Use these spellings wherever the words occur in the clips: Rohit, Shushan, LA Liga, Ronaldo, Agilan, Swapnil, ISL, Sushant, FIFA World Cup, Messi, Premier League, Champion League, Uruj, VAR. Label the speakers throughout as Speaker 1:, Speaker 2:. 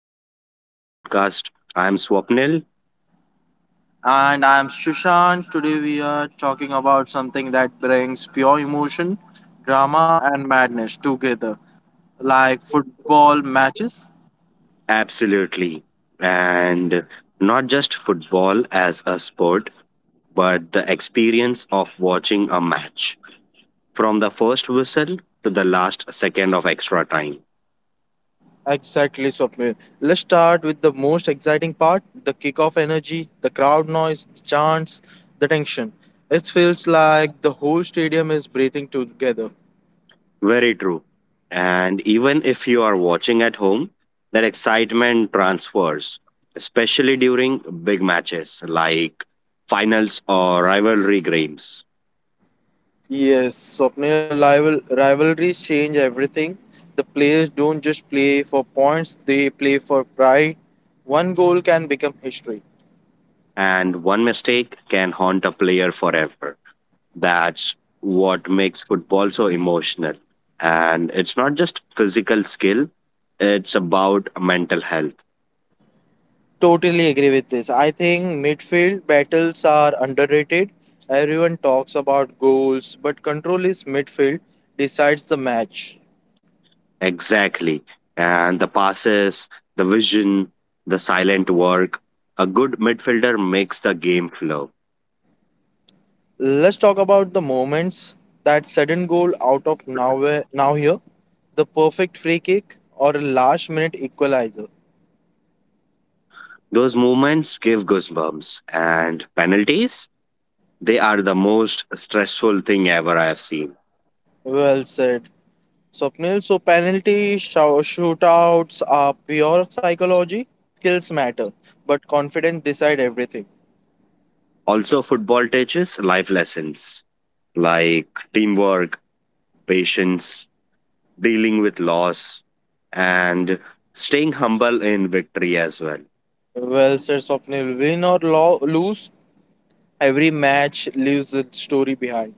Speaker 1: Welcome back to our podcast. I'm Swapnil.
Speaker 2: And I'm Shushan. Today we are talking about something that brings pure emotion, drama, and madness together, like football matches.
Speaker 1: Absolutely. And not just football as a sport, but the experience of watching a match from the first whistle to the last second of extra time.
Speaker 2: Exactly, Swapnil. Let's start with the most exciting part the kickoff energy, the crowd noise, the chants, the tension. It feels like the whole stadium is breathing together.
Speaker 1: Very true. And even if you are watching at home, that excitement transfers, especially during big matches like finals or rivalry games.
Speaker 2: Yes, Swapnil rivalries change everything. The players don't just play for points, they play for pride. One goal can become history.
Speaker 1: And one mistake can haunt a player forever. That's what makes football so emotional. And it's not just physical skill, it's about mental health.
Speaker 2: Totally agree with this. I think midfield battles are underrated. Everyone talks about goals, but control is midfield decides the match.
Speaker 1: Exactly. And the passes, the vision, the silent work. A good midfielder makes the game flow.
Speaker 2: Let's talk about the moments that sudden goal out of nowhere now here, the perfect free kick or a last minute equalizer.
Speaker 1: Those moments give goosebumps. And penalties, they are the most stressful thing ever I have seen.
Speaker 2: Well said. Swapnil, so penalty shootouts are pure psychology. Skills matter, but confidence decide everything.
Speaker 1: Also, football teaches life lessons like teamwork, patience, dealing with loss, and staying humble in victory as well.
Speaker 2: Well said, Swapnil. Win or lose, every match leaves a story behind.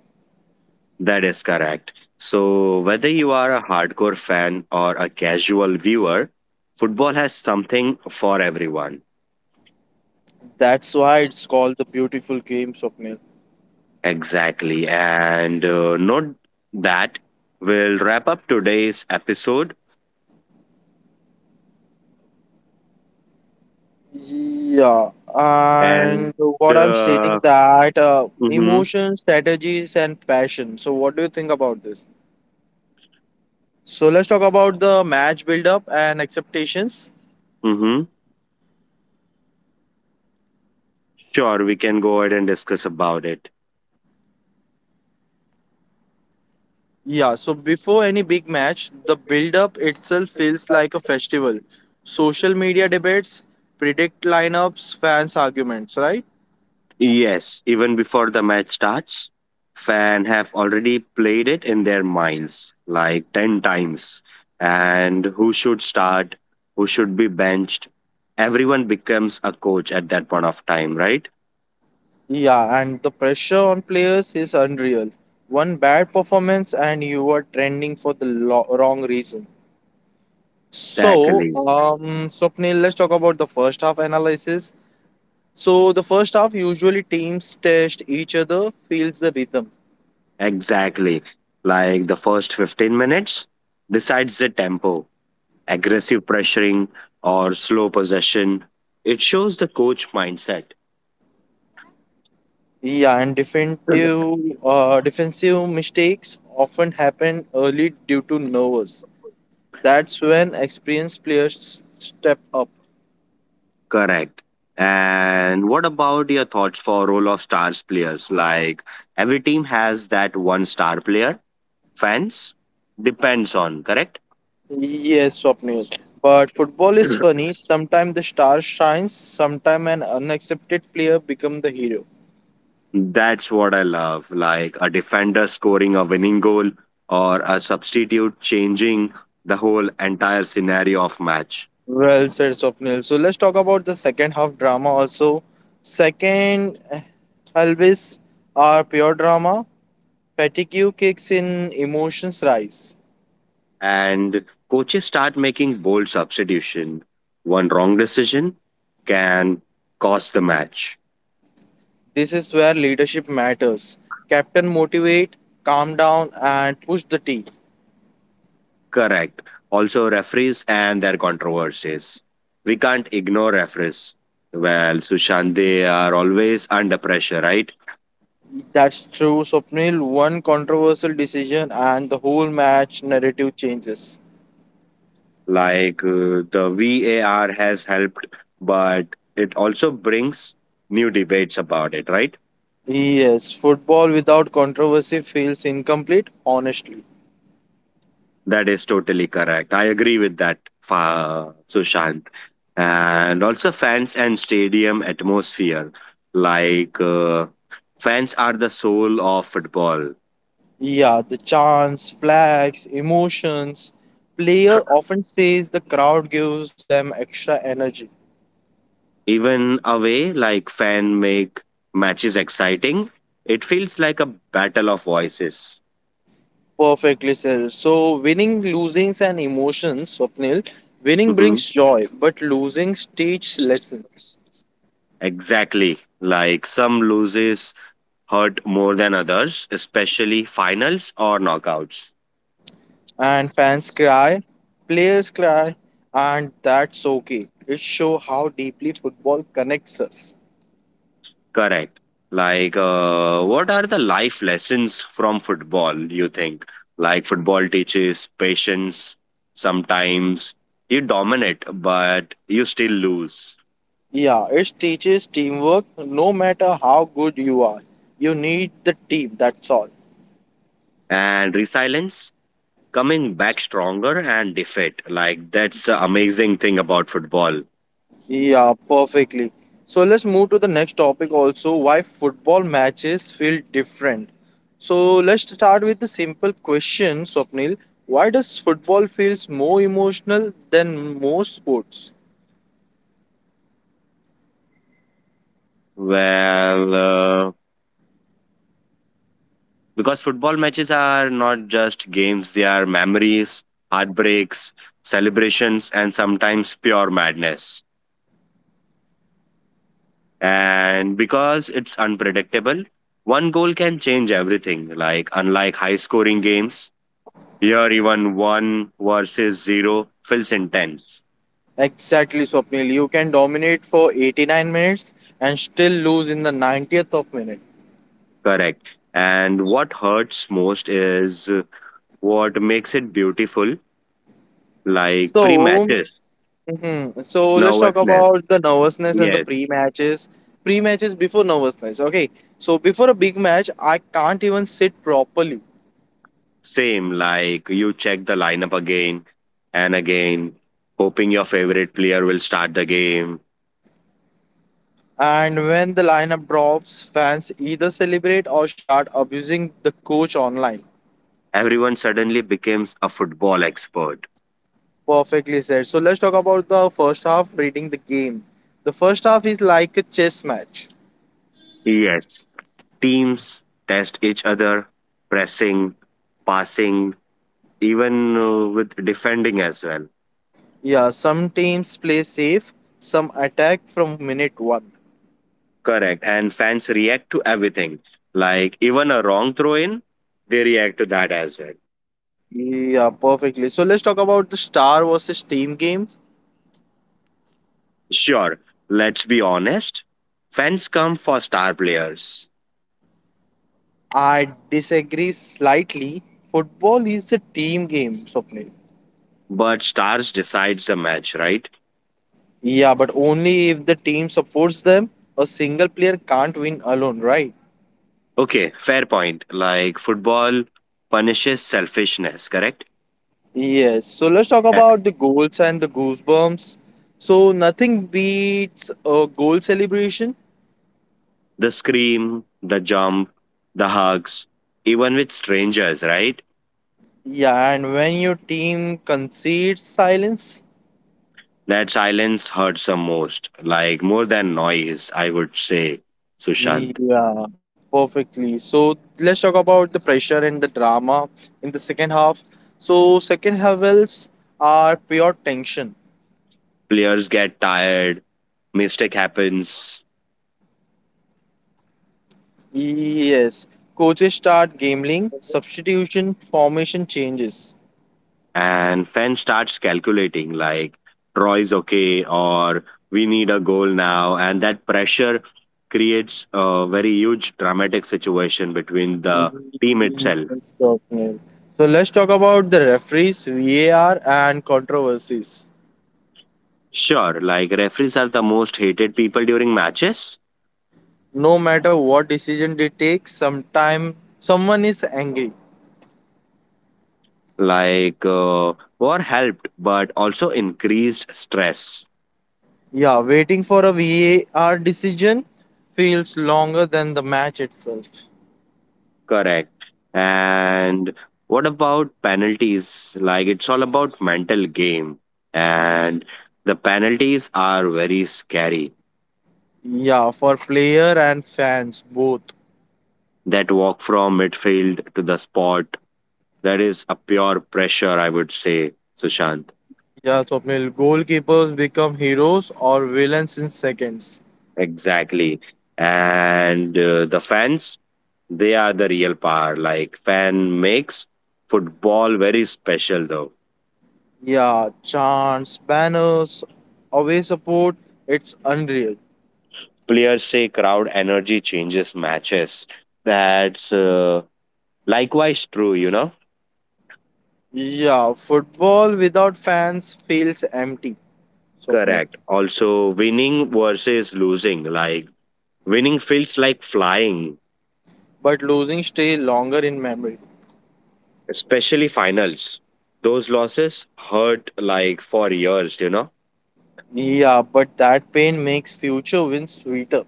Speaker 1: That is correct. So, whether you are a hardcore fan or a casual viewer, football has something for everyone.
Speaker 2: That's why it's called the beautiful game, Swapnil.
Speaker 1: Exactly. And note that we'll wrap up today's episode.
Speaker 2: Yeah, and
Speaker 1: And
Speaker 2: what I'm stating
Speaker 1: uh,
Speaker 2: that
Speaker 1: mm-hmm,
Speaker 2: emotion, strategies, and passion. So, what do you think about this? So, let's talk about the match build-up and expectations.
Speaker 1: mm-hmm. Sure, we can go ahead and discuss about it.
Speaker 2: Yeah, so before any big match, the build up itself feels like a festival. Social media debates, predict lineups, fans' arguments, right?
Speaker 1: Yes, even before the match starts, fan have already played it in their minds like 10 times, and who should start, who should be benched. Everyone becomes a coach at that point of time, right?
Speaker 2: Yeah, and the pressure on players is unreal. One bad performance and you are trending for the wrong reason. So,
Speaker 1: Exactly.
Speaker 2: Swapnil, let's talk about the first half analysis. So, the first half usually teams test each other, feels the rhythm.
Speaker 1: Exactly. Like the first 15 minutes decides the tempo, aggressive pressuring or slow possession. It shows the coach mindset.
Speaker 2: Yeah, and defensive mistakes often happen early due to nerves. That's when experienced players step up.
Speaker 1: Correct. And what about your thoughts for role of stars players? Like every team has that one star player. Fans depends on, correct?
Speaker 2: Yes, Swapnil. But football is funny. Sometimes the star shines, sometimes an unaccepted player become the hero.
Speaker 1: That's what I love. Like a defender scoring a winning goal or a substitute changing the whole entire scenario of match.
Speaker 2: Well said, Swapnil. So let's talk about the second half drama also. Second, eh, Elvis are pure drama. Fatigue kicks in, emotions rise.
Speaker 1: And coaches start making bold substitution. One wrong decision can cost the match.
Speaker 2: This is where leadership matters. Captain motivate, calm down, and push the tea.
Speaker 1: Correct. Also, referees and their controversies. We can't ignore referees. Well, Sushant, they are always under pressure, right?
Speaker 2: That's true, Swapnil. One controversial decision, and the whole match narrative changes.
Speaker 1: Like the VAR has helped, but it also brings new debates about it, right?
Speaker 2: Yes, football without controversy feels incomplete, honestly.
Speaker 1: That is totally correct. I agree with that, Sushant. And also, fans and stadium atmosphere. Like, fans are the soul of football.
Speaker 2: Yeah, the chants, flags, emotions. Player often says the crowd gives them extra energy.
Speaker 1: Even a way like fan make matches exciting, it feels like a battle of voices.
Speaker 2: Perfectly said. So winning, losings, and emotions, Swapnil. Winning brings
Speaker 1: Hmm.
Speaker 2: joy, but losing teaches lessons.
Speaker 1: Exactly. Like some loses hurt more than others, especially finals or knockouts.
Speaker 2: And fans cry, players cry, and that's okay. It shows how deeply football connects us.
Speaker 1: Correct. Like, what are the life lessons from football, you think? Like, football teaches patience. Sometimes you dominate, but you still lose.
Speaker 2: Yeah, it teaches teamwork. No matter how good you are, you need the team. That's all.
Speaker 1: And resilience coming back stronger and defeat. Like that's the amazing thing about football.
Speaker 2: Yeah, perfectly. So let's move to the next topic also why football matches feel different. So let's start with the simple question, Swapnil. Why does football feels more emotional than most sports?
Speaker 1: Well, because football matches are not just games; they are memories, heartbreaks, celebrations, and sometimes pure madness. And because it's unpredictable, one goal can change everything. Like unlike high-scoring games, here even one versus zero feels intense.
Speaker 2: Exactly, Swapnil. You can dominate for 89 minutes and still lose in the 90th of minute.
Speaker 1: Correct. And what hurts most is what makes it beautiful, like
Speaker 2: So
Speaker 1: pre-matches
Speaker 2: Mhm. So let's talk
Speaker 1: nervousness.
Speaker 2: about the nervousness and the
Speaker 1: Yes,
Speaker 2: pre-matches. Pre-matches before nervousness. Okay. So before a big match, I can't even sit properly.
Speaker 1: same, like you check the lineup again and again, hoping your favorite player will start the game.
Speaker 2: And when the lineup drops, fans either celebrate or start abusing the coach online.
Speaker 1: Everyone suddenly becomes a football expert.
Speaker 2: Perfectly said. So let's talk about the first half reading the game. The first half is like a chess match.
Speaker 1: Yes, teams test each other, pressing, passing, even with defending as well.
Speaker 2: Yeah, some teams play safe, some attack from minute one.
Speaker 1: Correct, and fans react to everything, like even a wrong throw in, they react to that as well.
Speaker 2: Yeah, perfectly. So let's talk about the star versus team game.
Speaker 1: Sure, let's be honest. Fans come for star players,
Speaker 2: I disagree slightly. Football is a team game, Swapnil.
Speaker 1: but stars decides the match, right?
Speaker 2: Yeah, but only if the team supports them. A single player can't win alone, right?
Speaker 1: Okay, fair point. Like football punishes selfishness, correct?
Speaker 2: Yes. So let's talk
Speaker 1: Eh,
Speaker 2: about the goals and the goosebumps. So nothing beats a goal celebration.
Speaker 1: the scream, the jump, the hugs, even with strangers, right?
Speaker 2: Yeah, and when your team concedes silence,
Speaker 1: That silence hurts the most, like more than noise, I would say, Sushant.
Speaker 2: yeah, perfectly. So let's talk about the pressure and the drama in the second half. So second halves are pure tension.
Speaker 1: Players get tired, mistake happens,
Speaker 2: Yes, coaches start gambling, substitution, formation changes.
Speaker 1: and fan starts calculating like troy's okay or we need a goal now, and that pressure creates a very huge dramatic situation between
Speaker 2: Yes,
Speaker 1: the team itself.
Speaker 2: Swapnil. So let's talk about the referees, VAR, and controversies.
Speaker 1: Sure, like referees are the most hated people during matches.
Speaker 2: No matter what decision they take, sometime someone is angry.
Speaker 1: Like war helped but also increased stress.
Speaker 2: Yeah, waiting for a VAR decision feels longer than the match itself.
Speaker 1: Correct. And what about penalties? Like it's all about mental game. And the penalties are very scary.
Speaker 2: Yeah, for player and fans both.
Speaker 1: That walk from midfield to the spot, that is a pure pressure, I would say, Sushant.
Speaker 2: Yeah, so अपने goalkeepers become heroes or villains in seconds.
Speaker 1: Exactly. And the fans, they are the real power. Like fan makes football very special though.
Speaker 2: Yeah, chants, banners, away support, it's unreal.
Speaker 1: Players say crowd energy changes matches. That's likewise, true, you know?
Speaker 2: Yeah, football without fans feels empty, Swapnil.
Speaker 1: Correct. Also, winning versus losing. Like, winning feels like flying,
Speaker 2: But losing stay longer in memory.
Speaker 1: especially finals. Those losses hurt like for years, you know?
Speaker 2: Yeah, but that pain makes future wins sweeter.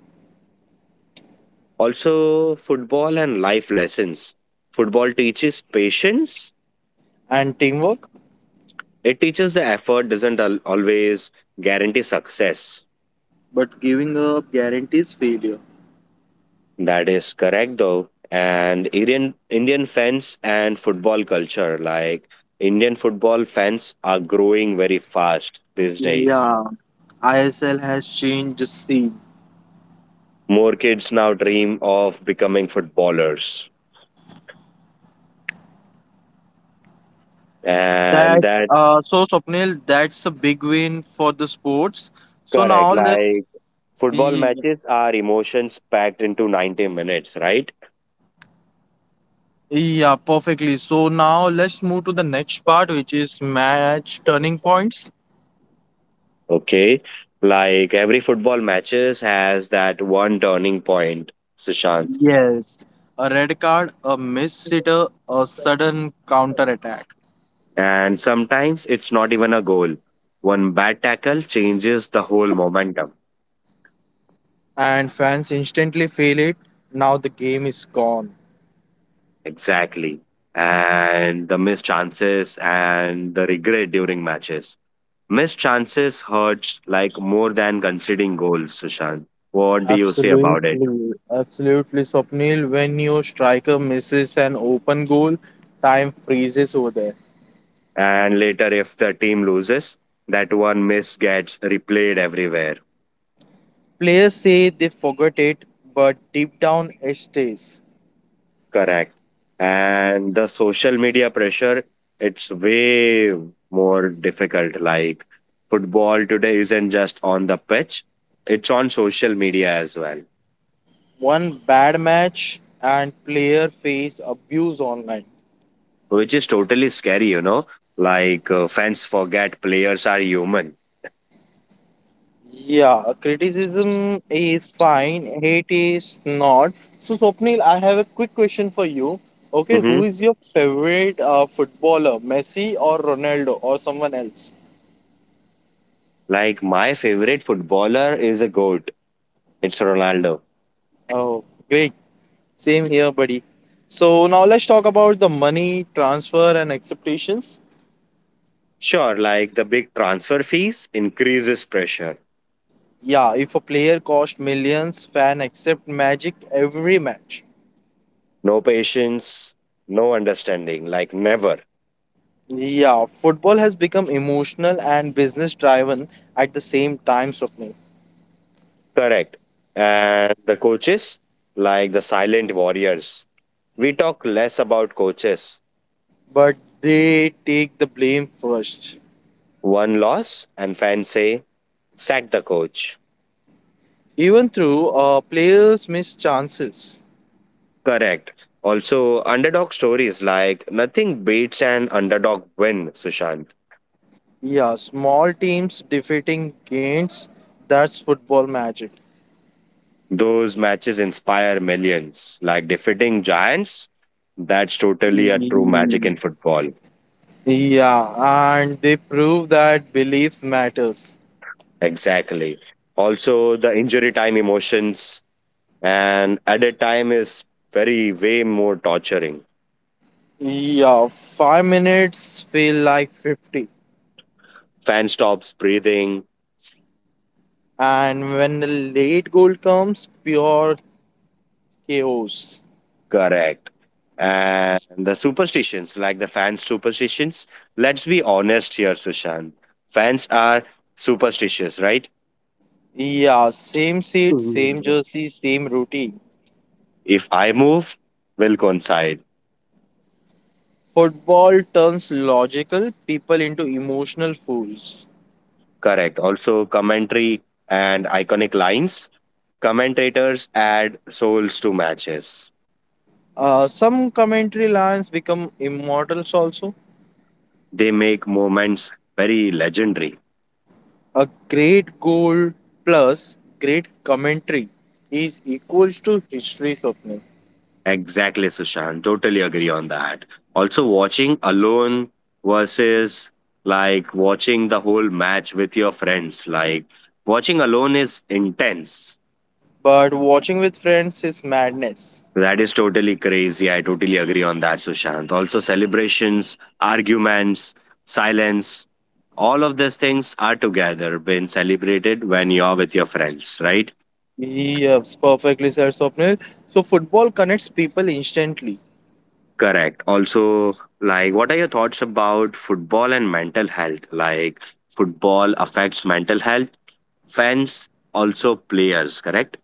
Speaker 1: Also, football and life lessons. Football teaches patience,
Speaker 2: And teamwork?
Speaker 1: it teaches the effort doesn't always guarantee success.
Speaker 2: But giving up guarantees failure.
Speaker 1: That is correct though. And Indian fans and football culture, like Indian football fans are growing very fast these days.
Speaker 2: Yeah, ISL has changed the scene.
Speaker 1: More kids now dream of becoming footballers. And
Speaker 2: That's
Speaker 1: that's
Speaker 2: so Swapnil, that's a big win for the sports. So
Speaker 1: correct.
Speaker 2: now let's
Speaker 1: Like football
Speaker 2: ye-
Speaker 1: matches are emotions packed into 90 minutes, right?
Speaker 2: yeah, perfectly. So now let's move to the next part, which is match turning points.
Speaker 1: Okay. Like every football matches has that one turning point, Sushant.
Speaker 2: Yes, a red card, a missed sitter, a sudden counter attack,
Speaker 1: And sometimes it's not even a goal. One bad tackle changes the whole momentum.
Speaker 2: and fans instantly feel it. Now the game is gone.
Speaker 1: Exactly. And the missed chances and the regret during matches. Missed chances hurts like more than conceding goals, Sushant. What do you say about it?
Speaker 2: Absolutely, absolutely, Swapnil. When your striker misses an open goal, time freezes over there.
Speaker 1: And later, if the team loses, that one miss gets replayed everywhere.
Speaker 2: Players say they forgot it, but deep down it stays.
Speaker 1: Correct. And the social media pressure, it's way more difficult. Like football today isn't just on the pitch, it's on social media as well,
Speaker 2: One bad match and player face abuse online.
Speaker 1: which is totally scary, you know. Like fans forget players are human.
Speaker 2: Yeah, criticism is fine, hate is not. So, Swapnil, I have a quick question for you. Okay, who
Speaker 1: Hmm.
Speaker 2: is your favorite footballer, Messi or Ronaldo or someone else?
Speaker 1: Like my favorite footballer is a GOAT, it's Ronaldo.
Speaker 2: Oh, great. Same here, buddy. So now let's talk about the money transfer and acceptations.
Speaker 1: Sure, like the big transfer fees increases pressure.
Speaker 2: Yeah, if a player cost millions, fan accept magic every match.
Speaker 1: No patience, no understanding, like never.
Speaker 2: Yeah, football has become emotional and business driven at the same time, Swapnil.
Speaker 1: Correct. And the coaches, like the silent warriors, we talk less about coaches.
Speaker 2: But they take the blame first.
Speaker 1: One loss, and fans say, sack the coach.
Speaker 2: Even through players miss chances.
Speaker 1: Correct. Also, underdog stories, like nothing beats an underdog win, Sushant.
Speaker 2: Yeah, small teams defeating giants. That's football magic.
Speaker 1: Those matches inspire millions, like defeating giants. That's totally a true magic in football.
Speaker 2: Yeah, and they prove that belief matters.
Speaker 1: Exactly. Also, the injury time emotions, and at a time is very way more torturing.
Speaker 2: Yeah, 5 minutes feel like 50.
Speaker 1: Fan stops breathing.
Speaker 2: And when the late goal comes, pure chaos.
Speaker 1: Correct. And the superstitions, like the fan superstitions, let's be honest here, Sushant. Fans are superstitious, right?
Speaker 2: Yeah, same seat, same
Speaker 1: Mm.
Speaker 2: jersey, same routine.
Speaker 1: If I move, will coincide.
Speaker 2: Football turns logical people into emotional fools.
Speaker 1: Correct. Also commentary and iconic lines. Commentators add souls to matches.
Speaker 2: Some commentary lines become immortals also.
Speaker 1: They make moments very legendary.
Speaker 2: A great goal plus great commentary is equals to history, Swapnil.
Speaker 1: Exactly, Sushant. Totally agree on that. Also, watching alone versus like watching the whole match with your friends. Like, watching alone is intense.
Speaker 2: But watching with friends is madness.
Speaker 1: That is totally crazy. I totally agree on that, Sushant. Also, celebrations, arguments, silence, all of these things are together being celebrated when you're with your friends, right?
Speaker 2: Yes, perfectly said Swapnil. So football connects people instantly.
Speaker 1: Correct. Also, like, what are your thoughts about football and mental health? Like, football affects mental health, fans, also players, correct?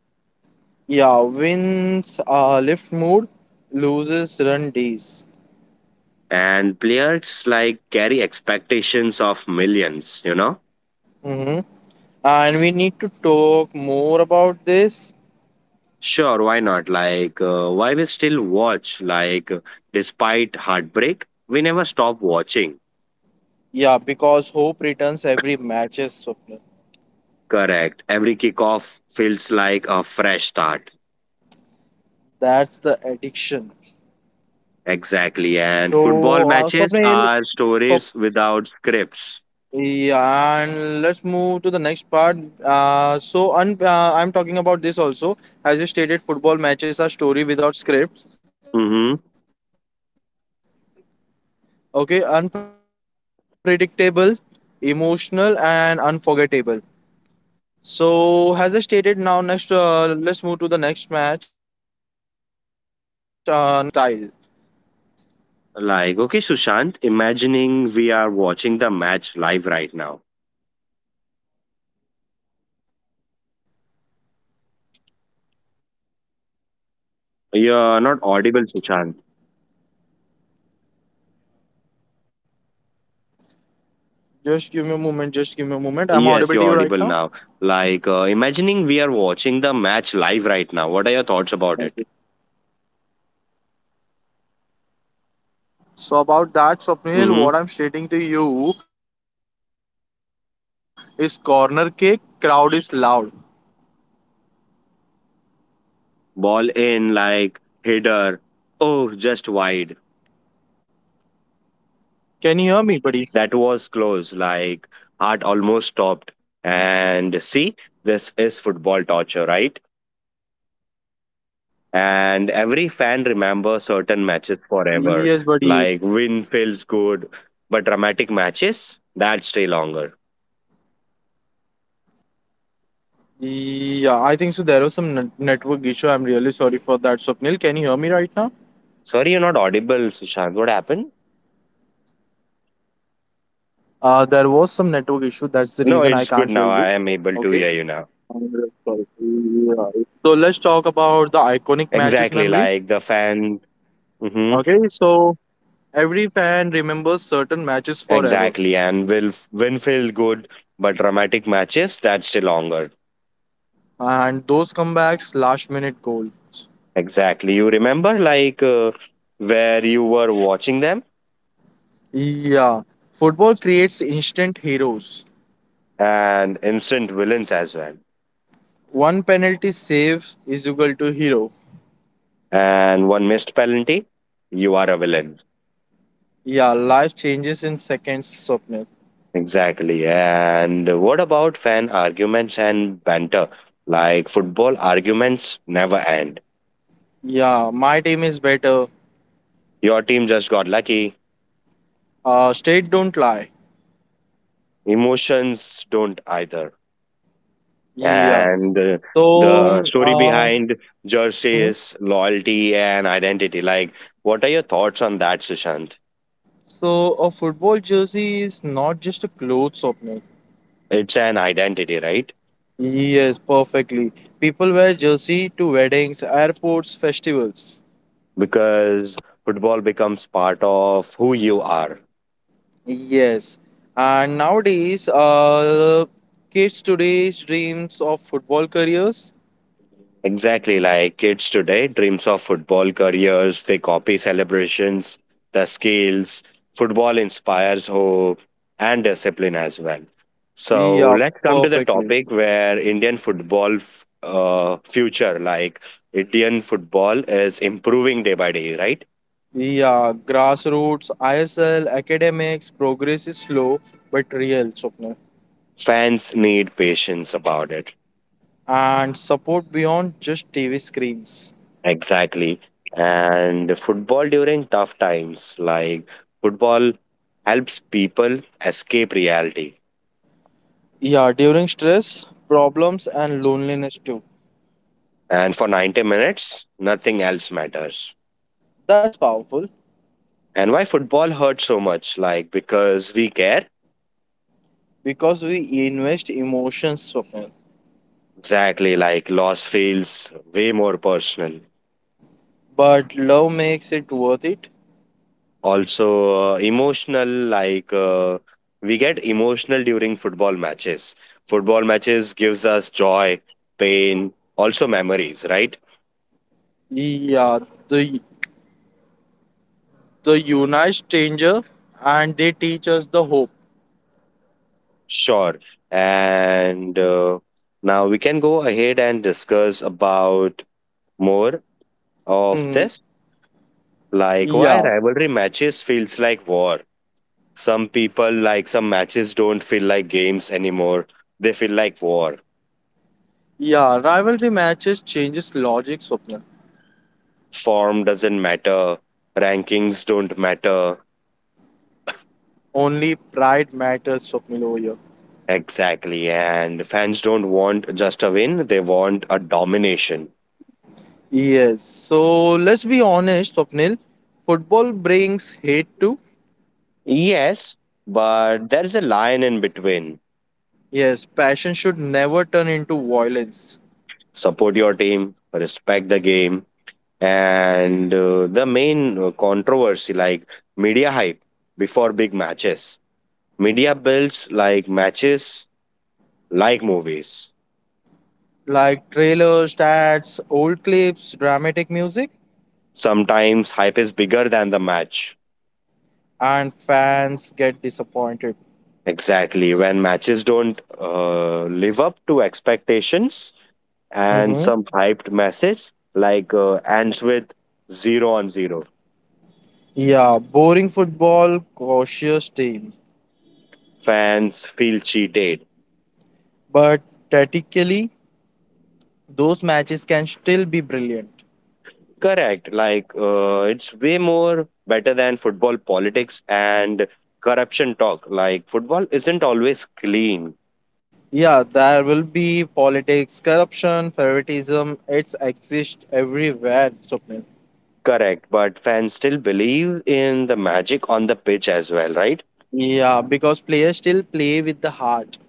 Speaker 2: Yeah, wins lift mood, loses run days.
Speaker 1: And players, like, carry expectations of millions, you know?
Speaker 2: Hmm. And we need to talk more about this.
Speaker 1: Sure, why not? Like, why we still watch? Like, despite heartbreak, we never stop watching.
Speaker 2: Yeah, because hope returns every matches, Swapnil.
Speaker 1: Correct. Every kickoff feels like a fresh start.
Speaker 2: That's the addiction.
Speaker 1: Exactly. And football
Speaker 2: So uh,
Speaker 1: matches
Speaker 2: Swapnil,
Speaker 1: are stories without scripts.
Speaker 2: Yeah, and let's move to the next part. So, un I'm talking about this also. As you stated, football matches are story without scripts.
Speaker 1: Hmm.
Speaker 2: Okay, unpredictable, emotional, and unforgettable. So, as I stated, now next, let's move to the next match. Next scenario. Okay, live matches, reaction style,
Speaker 1: Like, okay, Sushant, imagining we are watching the match live right now.
Speaker 2: corner kick, crowd is loud.
Speaker 1: You're not audible, Sushant.
Speaker 2: Just give me a moment. Just give me a moment.
Speaker 1: Yes,
Speaker 2: I'm
Speaker 1: you're
Speaker 2: audible
Speaker 1: audible
Speaker 2: to you
Speaker 1: now.
Speaker 2: right now.
Speaker 1: Like, imagining we are watching the match live right now. What are your thoughts about it? Hmm.
Speaker 2: So about that, Swapnil, what I'm stating to you is corner kick. Crowd is loud.
Speaker 1: Ball in, like, header. Oh, just wide.
Speaker 2: Can you hear me, buddy?
Speaker 1: That was close. Like, heart almost stopped. And see, this is football torture, right? And every fan remembers certain matches forever. Like
Speaker 2: Yes,
Speaker 1: win
Speaker 2: buddy.
Speaker 1: feels good, but dramatic matches that stay longer.
Speaker 2: Yeah, I think so. There was some network issue. I'm really sorry for that, Swapnil. Can you hear me right now?
Speaker 1: Sorry, you're not audible, Sushant. What happened?
Speaker 2: There was some network issue. That's the reason
Speaker 1: No,
Speaker 2: I
Speaker 1: it's
Speaker 2: can't
Speaker 1: good
Speaker 2: hear
Speaker 1: now.
Speaker 2: you.
Speaker 1: I am able
Speaker 2: Okay.
Speaker 1: to hear you now.
Speaker 2: I'm really sorry. Yeah. So let's talk about the iconic matches
Speaker 1: Exactly,
Speaker 2: memory.
Speaker 1: like the fan. Hmm.
Speaker 2: Okay, so every fan remembers certain matches forever,
Speaker 1: Exactly, and win feel good, but dramatic matches that stay longer.
Speaker 2: and those comebacks, last minute goals.
Speaker 1: Exactly, you remember like where you were watching them.
Speaker 2: Yeah, football creates instant heroes.
Speaker 1: And instant villains as well.
Speaker 2: One penalty save is equal to hero.
Speaker 1: And one missed penalty, you are a villain.
Speaker 2: Yeah, life changes in seconds, Swapnil.
Speaker 1: Exactly. And what about fan arguments and banter? Like football arguments never end.
Speaker 2: Yeah, my team is better.
Speaker 1: Your team just got lucky.
Speaker 2: State don't lie.
Speaker 1: Emotions don't either.
Speaker 2: Yeah.
Speaker 1: And
Speaker 2: So,
Speaker 1: the story
Speaker 2: um,
Speaker 1: behind
Speaker 2: mhm.
Speaker 1: jerseys, loyalty, and identity. Like, what are your thoughts on that, Sushant?
Speaker 2: so a football jersey is not just a clothes option.
Speaker 1: It's an identity, right?
Speaker 2: Yes, perfectly. People wear jersey to weddings, airports, festivals.
Speaker 1: Because football becomes part of who you are.
Speaker 2: Yes, and nowadays, kids today dreams of football careers.
Speaker 1: Exactly, like kids today dreams of football careers, they copy celebrations, the skills. Football inspires hope and discipline as well. So
Speaker 2: Yeah,
Speaker 1: let's come to the
Speaker 2: perfectly.
Speaker 1: topic where Indian future, like Indian football is improving day by day, right?
Speaker 2: Yeah, grassroots, ISL, academics, progress is slow but real, Swapnil.
Speaker 1: Fans need patience about it.
Speaker 2: And support beyond just TV screens.
Speaker 1: Exactly. And football during tough times, like football helps people escape reality,
Speaker 2: Yeah, during stress, problems, and loneliness too.
Speaker 1: and for 90 minutes nothing else matters.
Speaker 2: That's powerful
Speaker 1: And why football hurts so much, like because we care.
Speaker 2: because we invest emotions, Swapnil.
Speaker 1: Exactly, like loss feels way more personal.
Speaker 2: But love makes it worth it.
Speaker 1: Also emotional, like we get emotional during football matches. Football matches gives us joy, pain, also memories, right?
Speaker 2: Yeah, the the unite stranger and they teach us the hope.
Speaker 1: Sure. And now we can go ahead and discuss about more of
Speaker 2: Hmm.
Speaker 1: this. Like why
Speaker 2: Yeah,
Speaker 1: rivalry matches feels like war. Some people like some matches don't feel like games anymore. They feel like war.
Speaker 2: yeah. Rivalry matches changes logic, Swapnil.
Speaker 1: Form doesn't matter. Rankings don't matter.
Speaker 2: Only pride matters, Swapnil, over here.
Speaker 1: Exactly. And fans don't want just a win, they want a domination.
Speaker 2: Yes. So let's be honest, Swapnil. Football brings hate too.
Speaker 1: Yes, but there's a line in between.
Speaker 2: Yes, passion should never turn into violence.
Speaker 1: Support your team, respect the game, and the main controversy, like media hype before big matches. Media builds like matches, like movies.
Speaker 2: Like trailers, stats, old clips, dramatic music,
Speaker 1: Sometimes hype is bigger than the match.
Speaker 2: and fans get disappointed.
Speaker 1: Exactly. When matches don't live up to expectations, and
Speaker 2: Mm-hmm.
Speaker 1: some hyped message like ends with zero on zero,
Speaker 2: Yeah, boring football, cautious team.
Speaker 1: fans feel cheated.
Speaker 2: But tactically, those matches can still be brilliant.
Speaker 1: Correct. Like it's way more better than football politics and corruption talk. Like football isn't always clean.
Speaker 2: Yeah, there will be politics, corruption, favoritism. It's exist everywhere, Swapnil.
Speaker 1: Correct, but fans still believe in the magic on the pitch as well, right?
Speaker 2: Yeah, because players still play with the heart.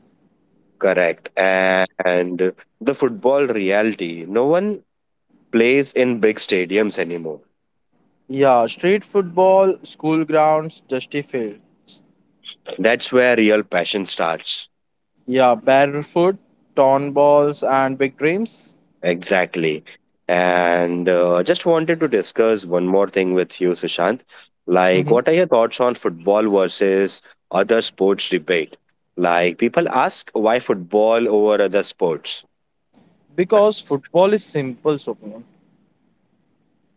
Speaker 1: Correct. And the football reality, no one plays in big stadiums anymore.
Speaker 2: Yeah, street football, school grounds, dusty fields.
Speaker 1: That's where real passion starts.
Speaker 2: Yeah, barefoot, torn balls, and big dreams.
Speaker 1: Exactly. And just wanted to discuss one more thing with you, Sushant. Like,
Speaker 2: Hmm.
Speaker 1: what are your thoughts on football versus other sports debate? Like, people ask why football over other sports.
Speaker 2: Because football is simple, Swapnil.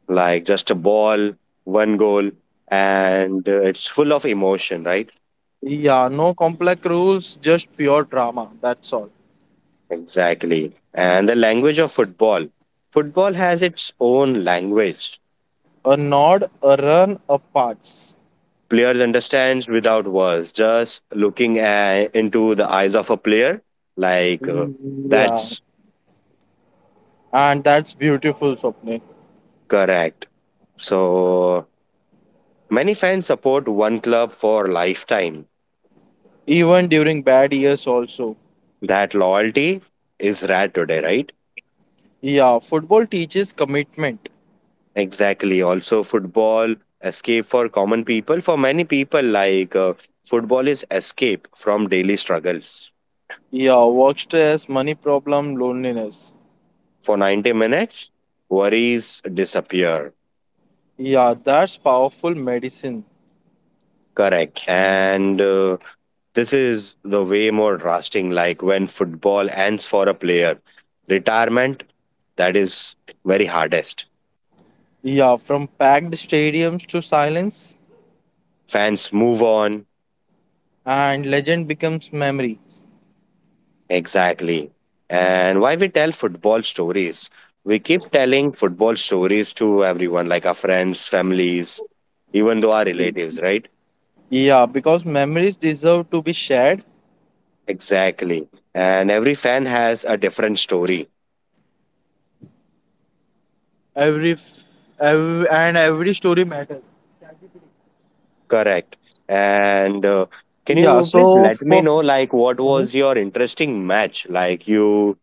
Speaker 1: Like just a ball, one goal, and it's full of emotion, right?
Speaker 2: Yeah, no complex rules, just pure drama. That's all.
Speaker 1: Exactly. And the language of football. Football has its own language.
Speaker 2: A nod, a run, a pass.
Speaker 1: Players understands without words, just looking at, into the eyes of a player. Like,
Speaker 2: Yeah,
Speaker 1: that's
Speaker 2: and that's beautiful, Swapnil.
Speaker 1: correct. So, many fans support one club for lifetime.
Speaker 2: Even during bad years, also.
Speaker 1: That loyalty is rare today, right?
Speaker 2: Yeah, football teaches commitment.
Speaker 1: Exactly. Also, football escape for common people. For many people, like football is escape from daily struggles.
Speaker 2: Yeah, work stress, money problem, loneliness.
Speaker 1: For 90 minutes, worries disappear.
Speaker 2: Yeah, that's powerful medicine.
Speaker 1: Correct. And this is the way more drastic. Like when football ends for a player, retirement, that is very hardest.
Speaker 2: Yeah, from packed stadiums to silence,
Speaker 1: Fans move on.
Speaker 2: and legend becomes memory.
Speaker 1: Exactly. And why we tell football stories? We keep telling football stories to everyone, like our friends, families, even though our relatives, right?
Speaker 2: Yeah, because memories deserve to be shared.
Speaker 1: Exactly. And every fan has a different story.
Speaker 2: Every, f- every and every story matters.
Speaker 1: Correct. And can
Speaker 2: Yeah,
Speaker 1: you please
Speaker 2: so
Speaker 1: let me
Speaker 2: for
Speaker 1: know, like, what
Speaker 2: hmm?
Speaker 1: was your interesting match, like, you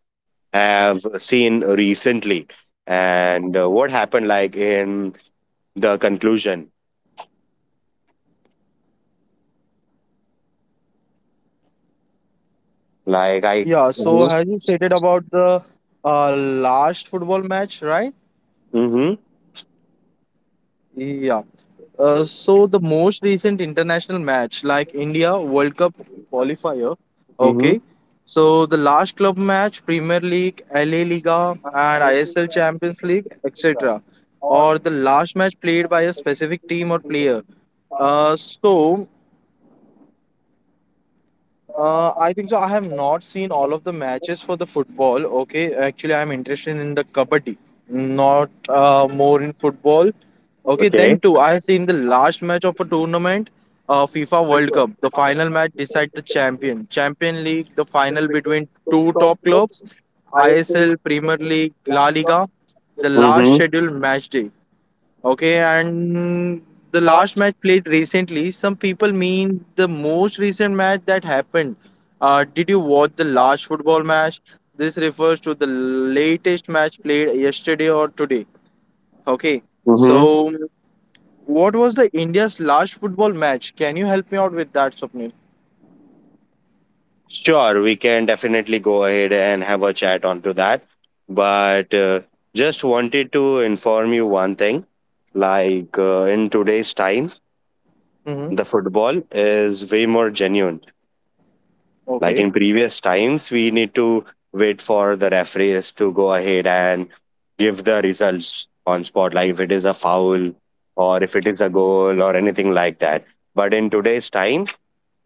Speaker 1: have seen recently? And what happened, like, in the conclusion? Like, I.
Speaker 2: Yeah, so as you stated about the last football match, right?
Speaker 1: Mm-hmm.
Speaker 2: Yeah. So the most recent international match, like India World Cup qualifier,
Speaker 1: Mm-hmm.
Speaker 2: okay. So the last club match, Premier League, LA Liga, and ISL Champions League, etc., or the last match played by a specific team or player. Uh, so I think so. I have not seen all of the matches for the football. Okay, actually, I am interested in the kabaddi, not more in football. Okay, then
Speaker 1: Okay.
Speaker 2: too, I have seen the last match of a tournament, FIFA World Cup. The final match decide the champion. Champion League, the final between two top clubs, ISL, Premier League, La Liga. The last
Speaker 1: Mm-hmm.
Speaker 2: scheduled match day. Okay, and the last match played recently, some people mean the most recent match that happened. Did you watch the last football match? This refers to the latest match played yesterday or today. Okay,
Speaker 1: Mm-hmm.
Speaker 2: so what was the India's last football match? Can you help me out with that, Swapnil?
Speaker 1: Sure, we can definitely go ahead and have a chat onto that. But just wanted to inform you one thing. Like in today's time,
Speaker 2: Mm-hmm.
Speaker 1: the football is way more genuine. Like in
Speaker 2: Okay.
Speaker 1: previous times, we need to wait for the referees to go ahead and give the results on spot, like if it is a foul or if it is a goal or anything like that. But in today's time,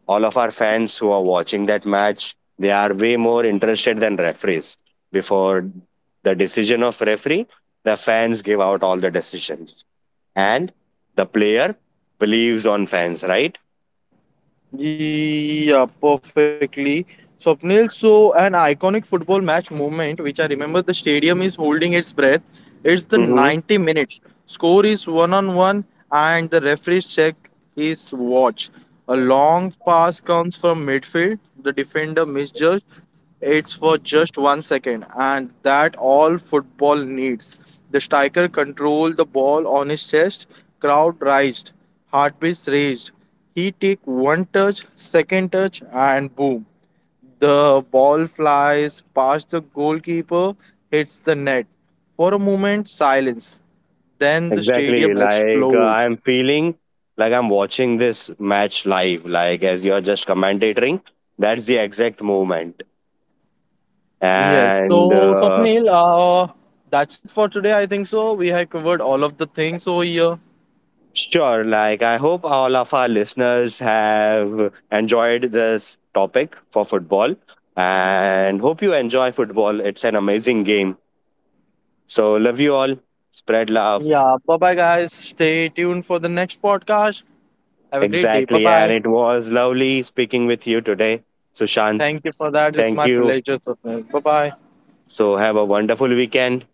Speaker 1: all of our fans who are watching that match, they are way more interested than referees. Before the decision of referee, the fans give out all the decisions. And the player believes on fans, right?
Speaker 2: Yeah, perfectly. Swapnil, so an iconic football match moment, which I remember the stadium is holding its breath. It's the
Speaker 1: Mhm.
Speaker 2: 90 minutes. Score is one on one and the referees check his watch. A long pass comes from midfield. The defender misjudged. It's for just 1 second, and that all football needs. The striker controlled the ball on his chest. Crowd raised, heartbeats raised. He took one touch, second touch, and boom. The ball flies past the goalkeeper, hits the net. For a moment, silence. Then the
Speaker 1: Exactly.
Speaker 2: stadium
Speaker 1: Like I'm
Speaker 2: explodes.
Speaker 1: feeling like I'm watching this match live. Like as you're just commentating, that's the exact moment.
Speaker 2: Yes.
Speaker 1: And
Speaker 2: So, Swapnil, that's it for today. I think so. We have covered all of the things over here.
Speaker 1: sure, like I hope all of our listeners have enjoyed this topic for football, and hope you enjoy football. It's an amazing game. So love you all. Spread love.
Speaker 2: Yeah. Bye bye, guys. Stay tuned for the next podcast. Have a great day. Bye
Speaker 1: Exactly. And
Speaker 2: bye.
Speaker 1: it was lovely speaking with you today, Sushant.
Speaker 2: Thank you for that. It's
Speaker 1: Thank
Speaker 2: my
Speaker 1: you.
Speaker 2: pleasure, Swapnil. Bye bye.
Speaker 1: So have a wonderful weekend.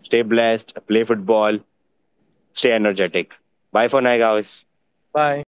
Speaker 1: Stay blessed, play football, stay energetic. Bye for now, guys.
Speaker 2: Bye.